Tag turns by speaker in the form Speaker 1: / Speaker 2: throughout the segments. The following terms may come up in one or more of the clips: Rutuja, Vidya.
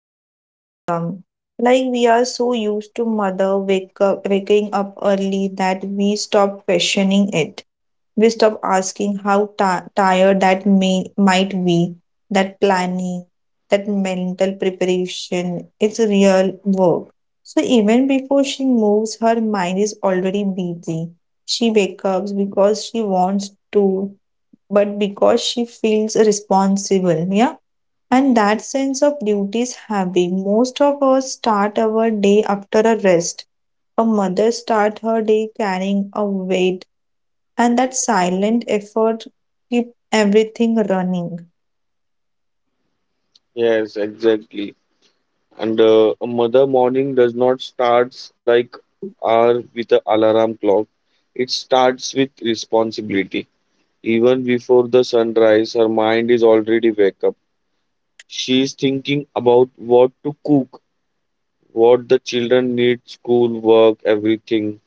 Speaker 1: this has become. Like we are so used to mother waking up early that we stop questioning it. We stop asking how ti tired that may might be. That planning, that mental preparation, it's real work. So even before she moves, her mind is already busy. She wakes up because she wants to but because she feels responsible. Yeah. And that sense of duty is heavy. Most of us start our day after a rest. A mother start her day carrying a weight, and that silent effort keep everything running.
Speaker 2: Yes, exactly. And a mother morning does not starts like our with a alarm clock. It starts with responsibility. Even before the sunrise, her mind is already wake up. She is thinking about what to cook, what the children need, school, work, everything.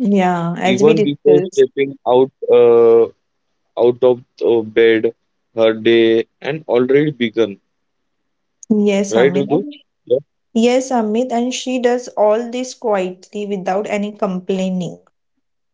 Speaker 1: Yeah, as we
Speaker 2: Even before
Speaker 1: discussed.
Speaker 2: stepping out out of bed, her day and already begun.
Speaker 1: Yes,
Speaker 2: Right,
Speaker 1: Amit.
Speaker 2: Rudu? Yeah.
Speaker 1: Yes, Amit, and she does all this quietly without any complaining.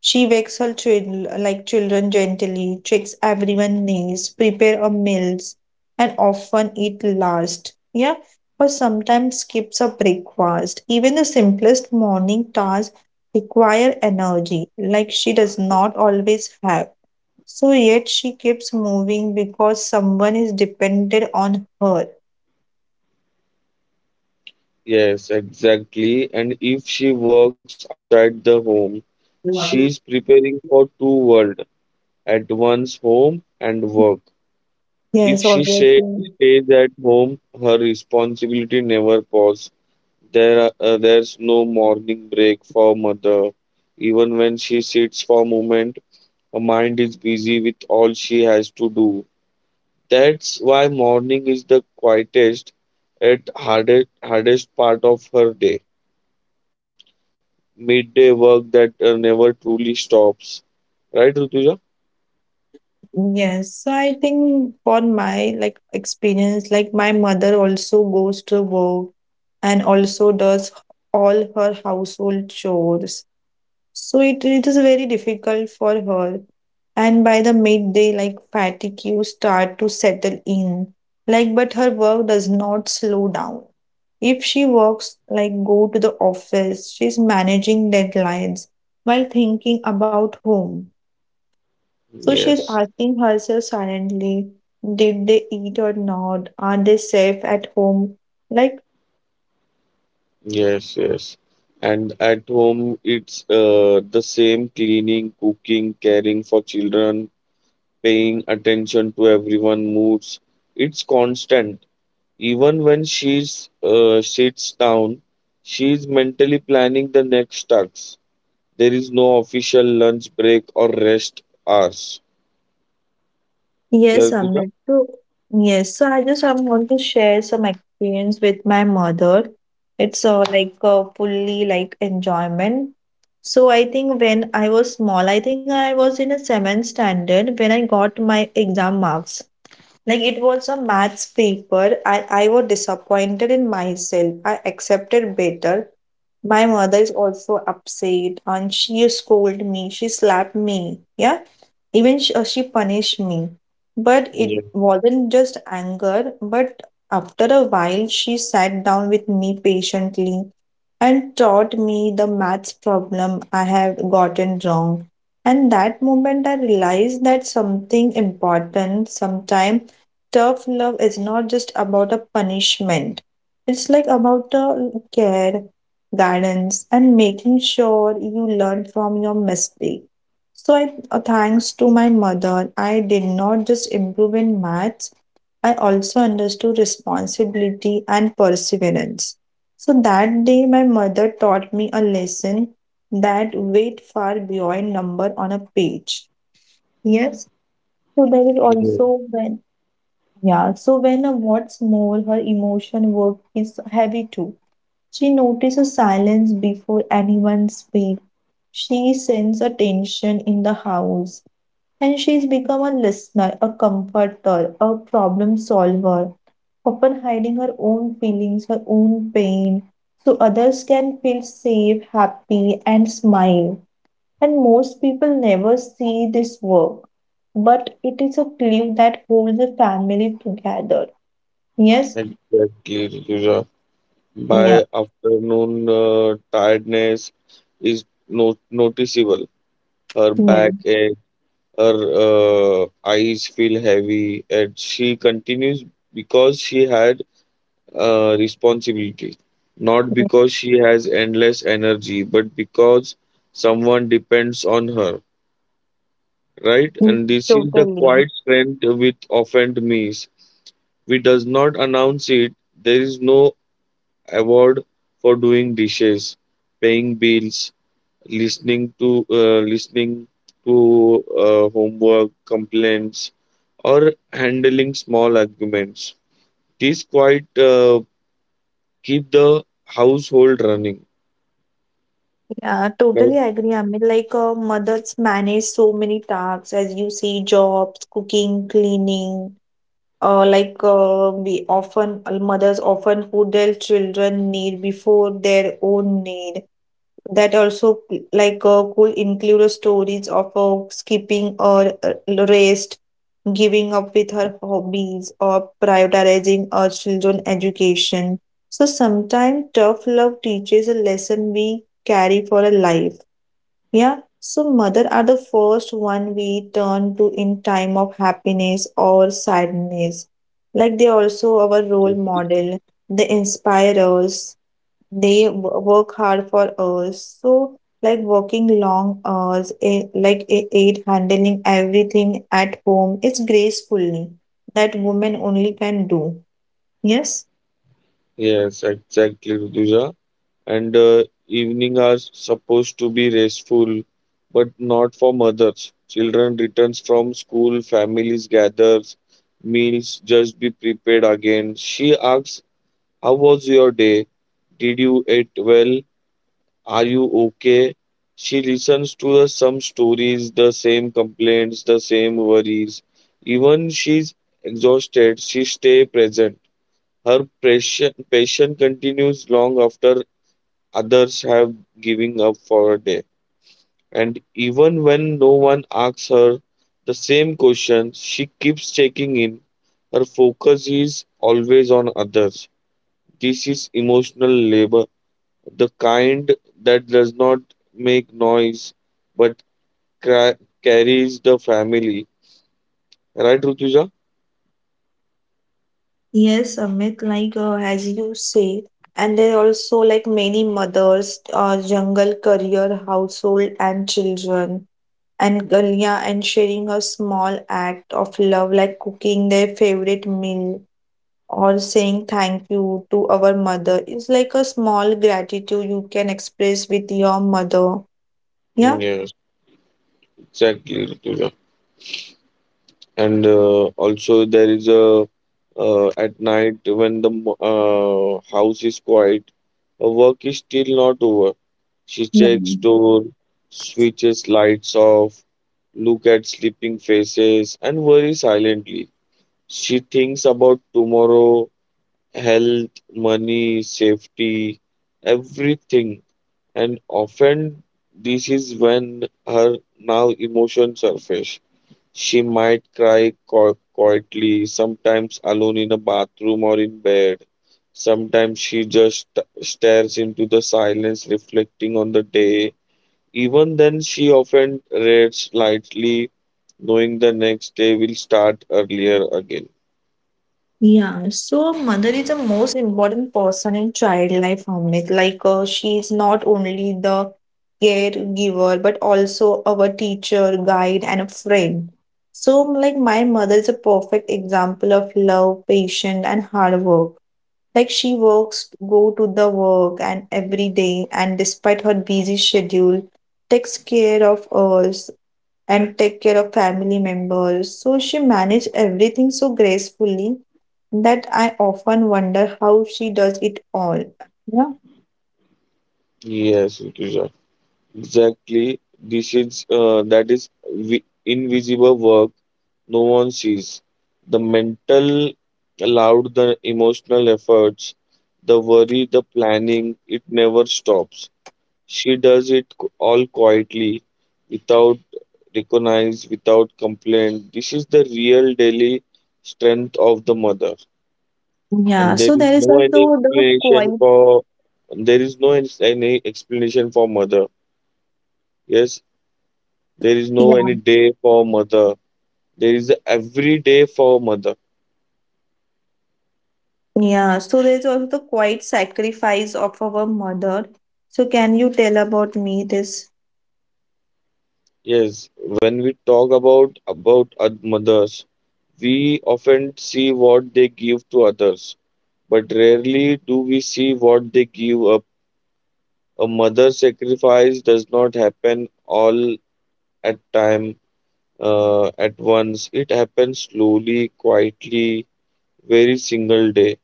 Speaker 1: She wakes her like children gently, tricks everyone knees, prepare a meals, and often eat last. Yeah, or sometimes skips a breakfast. Even the simplest morning tasks require energy, like she does not always have. So yet she keeps moving because someone is dependent on her.
Speaker 2: Yes, exactly. And if she works outside the home, she's preparing for two worlds at once home and work. If
Speaker 1: Yes,
Speaker 2: she say,
Speaker 1: obviously.
Speaker 2: stays at home, her responsibility never pause. There's no morning break for mother. Even when she sits for a moment, her mind is busy with all she has to do. That's why morning is the quietest, at hardest part of her day. Midday work that never truly stops. Right, Rutuja?
Speaker 1: Yes, so I think for my like experience, like my mother also goes to work and also does all her household chores. So it is very difficult for her. And by the midday, like fatigue you start to settle in. Like, but her work does not slow down. If she works, like go to the office, she's managing deadlines while thinking about home. So she's
Speaker 2: Yes,
Speaker 1: asking herself silently, did they eat or not? Are they safe at home? Like,
Speaker 2: yes, and at home, it's the same cleaning, cooking, caring for children, paying attention to everyone' moods. It's constant. Even when she's sits down, she's mentally planning the next tasks. There is no official lunch break or rest hours. Yeah,
Speaker 1: yes,
Speaker 2: Rutuja?
Speaker 1: Amit. So, yes, so I want to share some experience with my mother. It's like fully like enjoyment. So I think when I was small, I think I was in a seventh standard when I got my exam marks. Like it was a maths paper and I was disappointed in myself. I accepted better. My mother is also upset and she scolded me. She slapped me. Yeah. Even she punished me. But it
Speaker 2: yes,
Speaker 1: wasn't just anger, but after a while, she sat down with me patiently and taught me the maths problem I have gotten wrong. And that moment, I realized that something important sometimes tough love is not just about a punishment. It's like about the care, guidance, and making sure you learn from your mistake. So, thanks to my mother, I did not just improve in maths, I also understood responsibility and perseverance. So, that day, my mother taught me a lesson that went far beyond number on a page. Yes. So, there is
Speaker 2: yes,
Speaker 1: also when yeah, so when a what's more, her emotion work is heavy too. She notices silence before anyone speaks. She senses a tension in the house, and she's become a listener, a comforter, a problem solver, often hiding her own feelings, her own pain, so others can feel safe, happy, and smile. And most people never see this work, but it is a glue that holds the family together. Yes.
Speaker 2: exactly.
Speaker 1: Yeah,
Speaker 2: By afternoon, tiredness is noticeable. Her
Speaker 1: yeah,
Speaker 2: back ache, her eyes feel heavy, and she continues because she had responsibility. Not
Speaker 1: yeah.
Speaker 2: because she has endless energy, but because someone depends on her, right?
Speaker 1: Yeah.
Speaker 2: And this is the
Speaker 1: Totally.
Speaker 2: quiet strength which often miss. We does not announce it. There is no award for doing dishes, paying bills, listening to homework complaints, or handling small arguments. These quite keep the household running,
Speaker 1: Yeah,
Speaker 2: right?
Speaker 1: totally agree. I mean, like mothers manage so many tasks, as you see, jobs, cooking, cleaning. Like we often mothers often put their children need before their own need. That also like could include stories of skipping or rest giving up with her hobbies or prioritizing her children's education. So sometimes tough love teaches a lesson we carry for a life. Yeah. So mother are the first one we turn to in time of happiness or sadness. Like they also our role model. They inspire us, they work hard for hours, so like working long hours, like a aid, handling everything at home it's gracefully that women only can do. Yes.
Speaker 2: Yes, exactly, Rutuja. And evening are supposed to be restful, but not for mothers. Children returns from school, families gathers, meals just be prepared again. She asks, how was your day, did you eat well, are you okay? She listens to the some stories, the same complaints, the same worries. Even she's exhausted, she stay present. Her patient continues long after others have given up for a day. And even when no one asks her the same question, she keeps checking in. Her focus is always on others. This is emotional labor, the kind that does not make noise but carries the family. Right, Rutuja?
Speaker 1: Yes, Amit, like as you say, and there are also like many mothers, jungle career, household and children, and Galia, and sharing a small act of love, like cooking their favorite meal or saying thank you to our mother is like a small gratitude you can express with your mother. Yeah.
Speaker 2: Yes, exactly, Rutuja. And also, there is a at night when the house is quiet, her work is still not over. She
Speaker 1: Yeah.
Speaker 2: checks door, switches lights off, look at sleeping faces, and worry silently. She thinks about tomorrow, health, money, safety, everything. And often, this is when her now emotions surface. She might cry quietly, sometimes alone in a bathroom or in bed. Sometimes she just stares into the silence, reflecting on the day. Even then, she often reads lightly, knowing the next day will start earlier again.
Speaker 1: Yeah, so mother is the most important person in child life, Amit. Like she is not only the caregiver but also our teacher, guide, and a friend. So like my mother is a perfect example of love, patience, and hard work. Like she works, go to the work and every day, and despite her busy schedule, takes care of us and take care of family members. So she managed everything so gracefully that I often wonder how she does it all. Yeah.
Speaker 2: Yes, it is. Exactly. This is that is invisible work no one sees. The mental allowed the emotional efforts, the worry, the planning, it never stops. She does it all quietly, without recognize, without complaint. This is the real daily strength of the mother.
Speaker 1: Yeah.
Speaker 2: And there
Speaker 1: So
Speaker 2: is
Speaker 1: there is
Speaker 2: no any
Speaker 1: also the
Speaker 2: explanation
Speaker 1: quiet.
Speaker 2: for, there is no any explanation for mother. Yes. There is no any
Speaker 1: Yeah.
Speaker 2: day for mother. There is every day for mother.
Speaker 1: Yeah. So there's also the quiet sacrifice of our mother. So can you tell about me this?
Speaker 2: Yes, when we talk about mothers, we often see what they give to others, but rarely do we see what they give up. A mother sacrifice does not happen all at time at once. It happens slowly, quietly, very single day.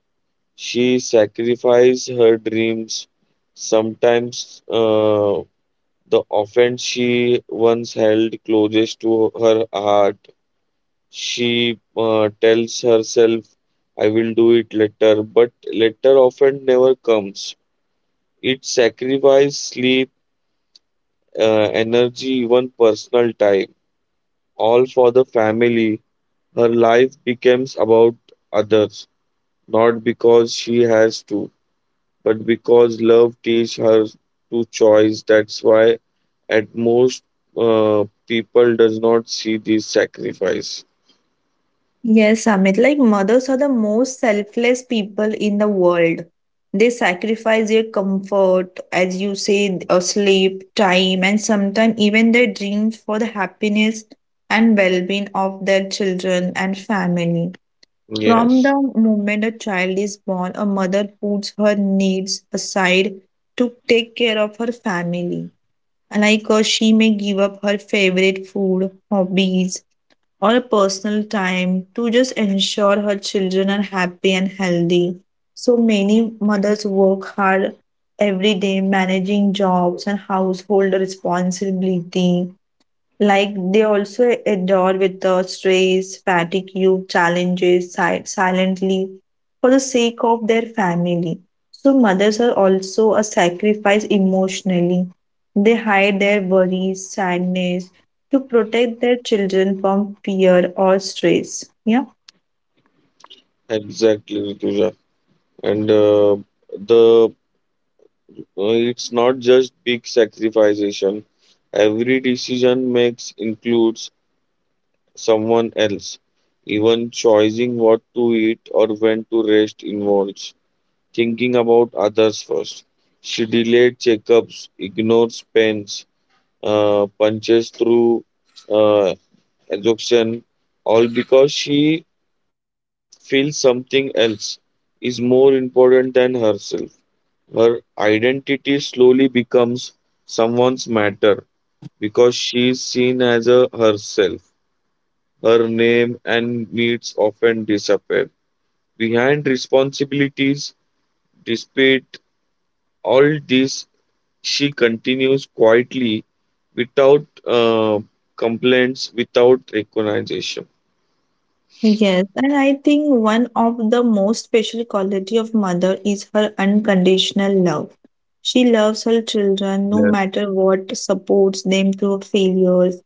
Speaker 2: She sacrifices her dreams, sometimes the offense she once held closest to her heart, she tells herself, I will do it later, but later often never comes. It sacrifices sleep, energy, even personal time, all for the family. Her life becomes about others, not because she has to, but because love teaches her to choice. That's why at most people does not see these sacrifice.
Speaker 1: Yes, Amit. Like mothers are the most selfless people in the world. They sacrifice their comfort, as you say, sleep, time, and sometimes even their dreams for the happiness and well-being of their children and family. From
Speaker 2: Yes,
Speaker 1: the moment a child is born, a mother puts her needs aside to take care of her family. Like she may give up her favorite food, hobbies, or personal time to just ensure her children are happy and healthy. So many mothers work hard every day managing jobs and household responsibility, like they also adore with the stress, fatigue, challenges silently for the sake of their family. So mothers are also a sacrifice emotionally. They hide their worries, sadness to protect their children from fear or stress. Yeah.
Speaker 2: exactly, Rituja. And the It's not just big sacrification. Every decision makes includes someone else. Even choosing what to eat or when to rest involves thinking about others first. She delayed checkups, ignores pains, punches through uh, assumption, all because she feels something else is more important than herself. Her identity slowly becomes someone's matter, because she is seen as a herself. Her name and needs often disappear. Behind responsibilities, despite all this, she continues quietly without complaints, without recognition.
Speaker 1: Yes, and I think one of the most special quality of mother is her unconditional love. She loves her children no
Speaker 2: Yes.
Speaker 1: matter what, supports them through failures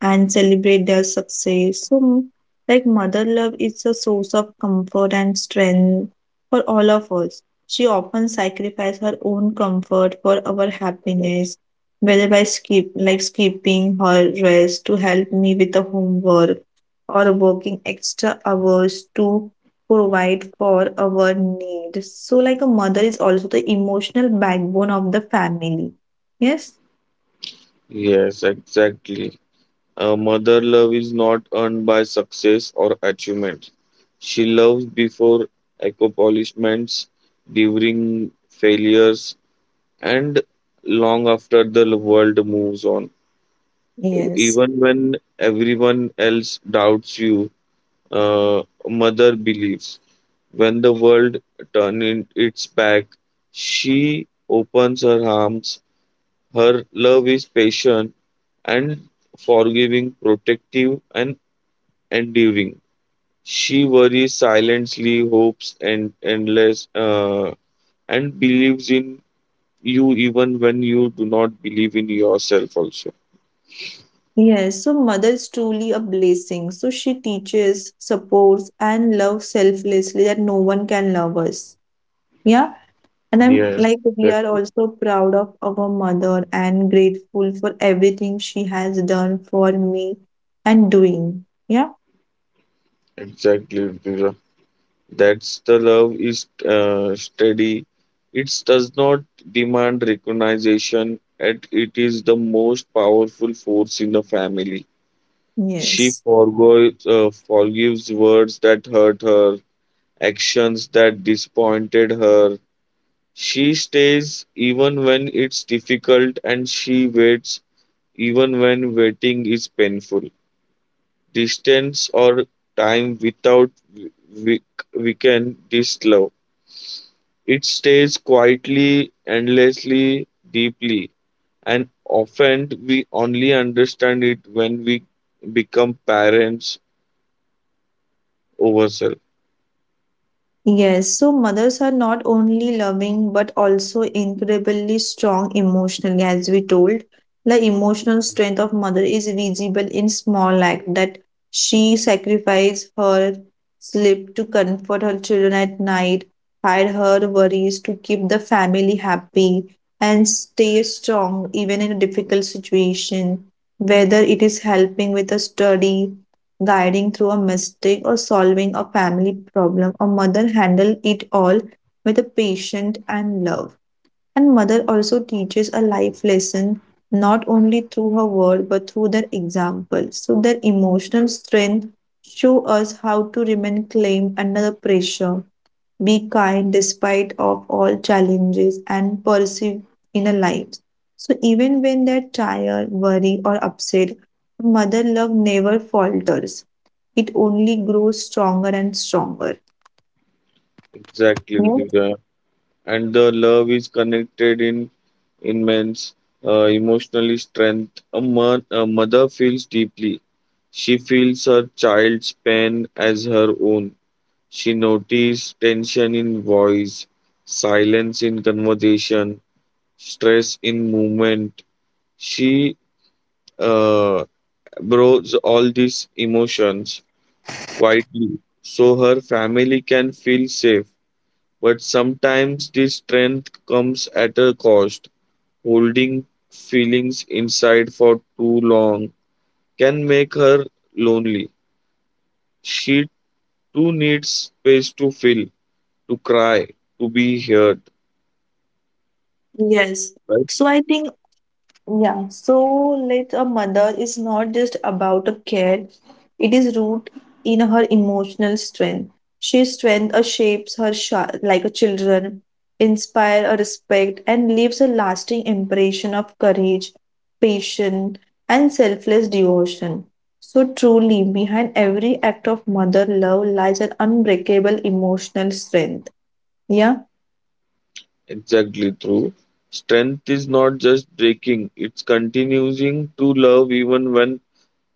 Speaker 1: and celebrate their success. So like mother love is a source of comfort and strength for all of us. She often sacrifices her own comfort for our happiness, whether by skipping her rest to help me with the homework or working extra hours to provide for our needs. So, like a mother is also the emotional backbone of the family. Yes.
Speaker 2: Yes, exactly. Mother love is not earned by success or achievement. She loves before accomplishments, during failures, and long after the world moves on.
Speaker 1: Yes.
Speaker 2: Even when everyone else doubts you, uh, mother believes. When the world turns its back, she opens her arms. Her love is patient and forgiving, protective, and enduring. She worries silently, hopes and endless, and believes in you even when you do not believe in yourself. Also,
Speaker 1: Yes, so mother is truly a blessing. So she teaches, supports, and loves selflessly that no one can love us. Yeah. And I'm
Speaker 2: yes,
Speaker 1: like, we are
Speaker 2: exactly,
Speaker 1: also proud of our mother and grateful for everything she has done for me and doing. Yeah.
Speaker 2: exactly, Rutuja. That's the love is steady. It does not demand recognition, and it is the most powerful force in the family. She
Speaker 1: Yes.
Speaker 2: forgoes, forgives words that hurt her, actions that disappointed her. She stays even when it's difficult, and she waits even when waiting is painful. Distance or time without we- weaken this love. It stays quietly, endlessly, deeply, and often we only understand it when we become parents ourselves.
Speaker 1: Yes, so mothers are not only loving but also incredibly strong emotionally, as we told. The emotional strength of mother is visible in small act that she sacrificed her sleep to comfort her children at night, hide her worries to keep the family happy, and stay strong even in a difficult situation. Whether it is helping with a study, guiding through a mistake or solving a family problem, a mother handle it all with a patience and love. And mother also teaches a life lesson not only through her word but through their example. So their emotional strength show us how to remain calm under the pressure, be kind despite of all challenges, and pursue inner life. So even when they're tired, worried, or upset, mother love never falters. It only grows stronger and stronger.
Speaker 2: Exactly,
Speaker 1: Yes.
Speaker 2: Vidya. And the love is connected in immense emotional strength. A mother feels deeply. She feels her child's pain as her own. She notices tension in voice, silence in conversation, stress in movement. She uh, absorbs all these emotions quietly so her family can feel safe. But sometimes this strength comes at a cost. Holding feelings inside for too long can make her lonely. She too needs space to feel, to cry, to be heard.
Speaker 1: Yes.
Speaker 2: Right?
Speaker 1: So I think Yeah, so like a mother is not just about a care, it is rooted in her emotional strength. She strength shapes her sha like a children, inspire a respect, and leaves a lasting impression of courage, patience, and selfless devotion. So truly, behind every act of mother love lies an unbreakable emotional strength. Yeah.
Speaker 2: Exactly true. Strength is not just breaking, it's continuing to love even when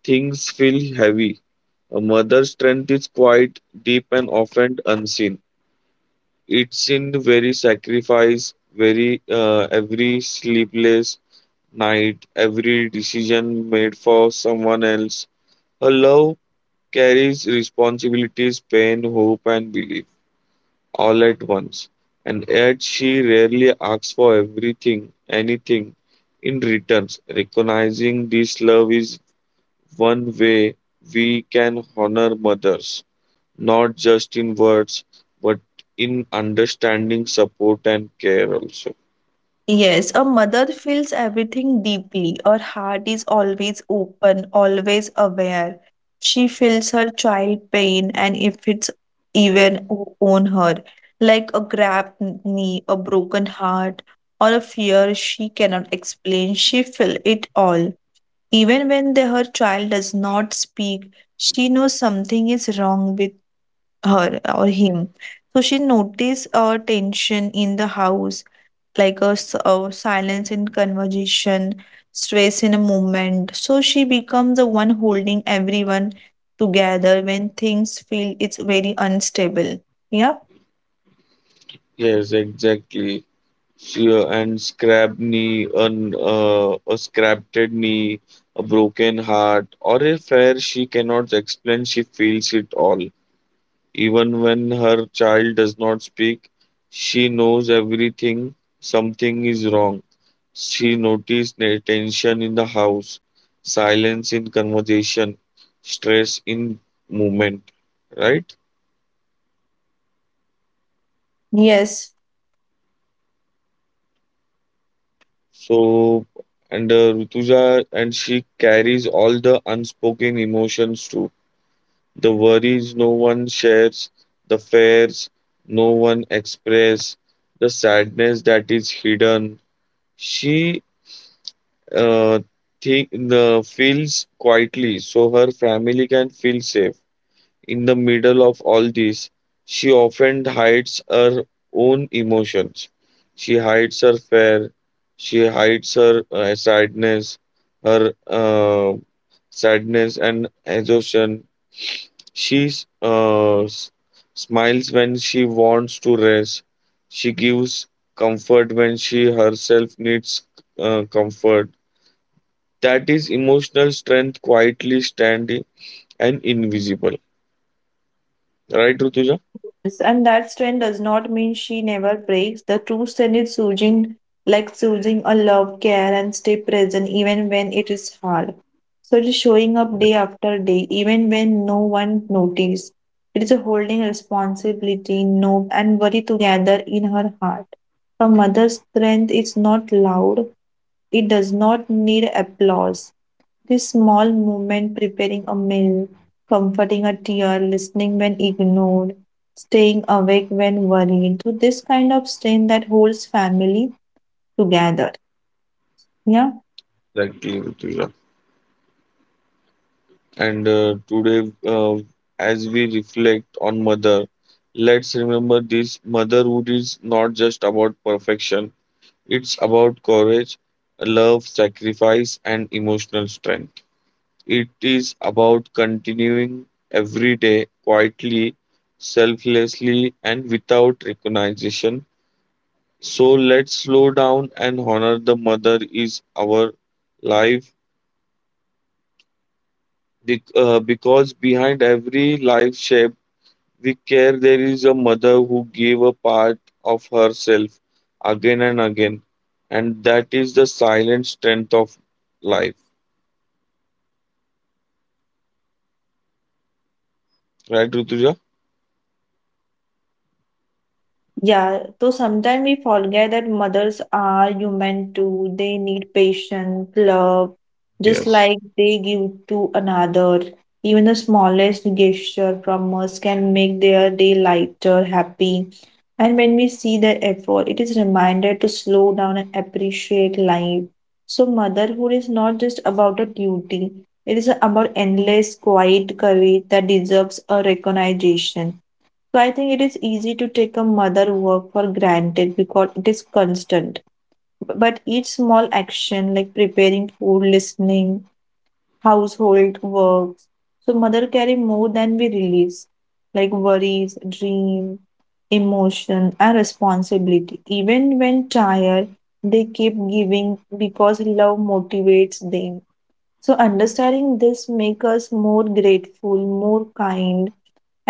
Speaker 2: things feel heavy. A mother's strength is quite deep and often unseen. It's in very sacrifice, very every sleepless night, every decision made for someone else. Her love carries responsibilities, pain, hope, and belief all at once. And yet she rarely asks for everything, anything in returns. Recognizing this love is one way we can honor mothers, not just in words, but in understanding, support, and care also.
Speaker 1: Yes, a mother feels everything deeply. Her heart is always open, always aware. She feels her child pain and if it's even on her, like a grabbed knee, a broken heart, or a fear she cannot explain. She feels it all. Even when her child does not speak, she knows something is wrong with her or him. So she notices a tension in the house, like a silence in conversation, stress in a moment. So she becomes the one holding everyone together when things feel it's very unstable. Yeah.
Speaker 2: Yes, exactly. So, and scrap knee, an, A scrapped knee, a broken heart, or a fair she cannot explain, she feels it all. Even when her child does not speak, she knows everything, something is wrong. She noticed tension in the house, silence in conversation, stress in movement, right?
Speaker 1: Yes.
Speaker 2: So, and Rutuja, and she carries all the unspoken emotions too. The worries no one shares, the fears no one express, the sadness that is hidden. She uh, think the feels quietly so her family can feel safe. In the middle of all this, she often hides her own emotions. She hides her fear, she hides her sadness, her sadness and exhaustion. She smiles when she wants to rest. She gives comfort when she herself needs comfort. That is emotional strength quietly standing and invisible. Right, Rutuja?
Speaker 1: Yes, and that strength does not mean she never breaks. The true strength is choosing, like choosing a love, care, and stay present even when it is hard. So it is showing up day after day, even when no one notices. It is a holding responsibility, no, and worry together in her heart. A mother's strength is not loud. It does not need applause. This small movement, preparing a meal, comforting a tear, listening when ignored, staying awake when worried. So this kind of strain that holds family together. Yeah.
Speaker 2: Exactly, Rutuja. And today, as we reflect on mother, let's remember this motherhood is not just about perfection, it's about courage, love, sacrifice, and emotional strength. It is about continuing every day quietly, selflessly, and without recognition. So let's slow down and honor the mother is our life, because behind every life shape we care, there is a mother who gave a part of herself again and again, and that is the silent strength of life, right, Rutuja?
Speaker 1: Yeah, so sometimes we forget that mothers are human too. They need patience, love, just
Speaker 2: Yes,
Speaker 1: like they give to another. Even the smallest gesture from us can make their day lighter, happy. And when we see their effort, it is reminded to slow down and appreciate life. So motherhood is not just about a duty. It is about endless, quiet courage that deserves a recognition. So I think it is easy to take a mother work for granted because it is constant. But each small action like preparing food, listening, household works. So mother carry more than we release, like worries, dream, emotion, and responsibility. Even when tired, they keep giving because love motivates them. So understanding this make us more grateful, more kind,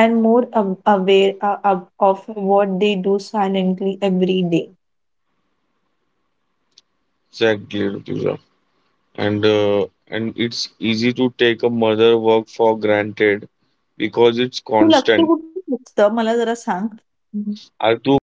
Speaker 1: and more aware of what they do silently every day.
Speaker 2: exactly, Rutuja. And it's easy to take a mother work for granted because it's
Speaker 1: तू लक्ष
Speaker 2: constant.
Speaker 1: कुठे असतं मला जरा सांग
Speaker 2: Artu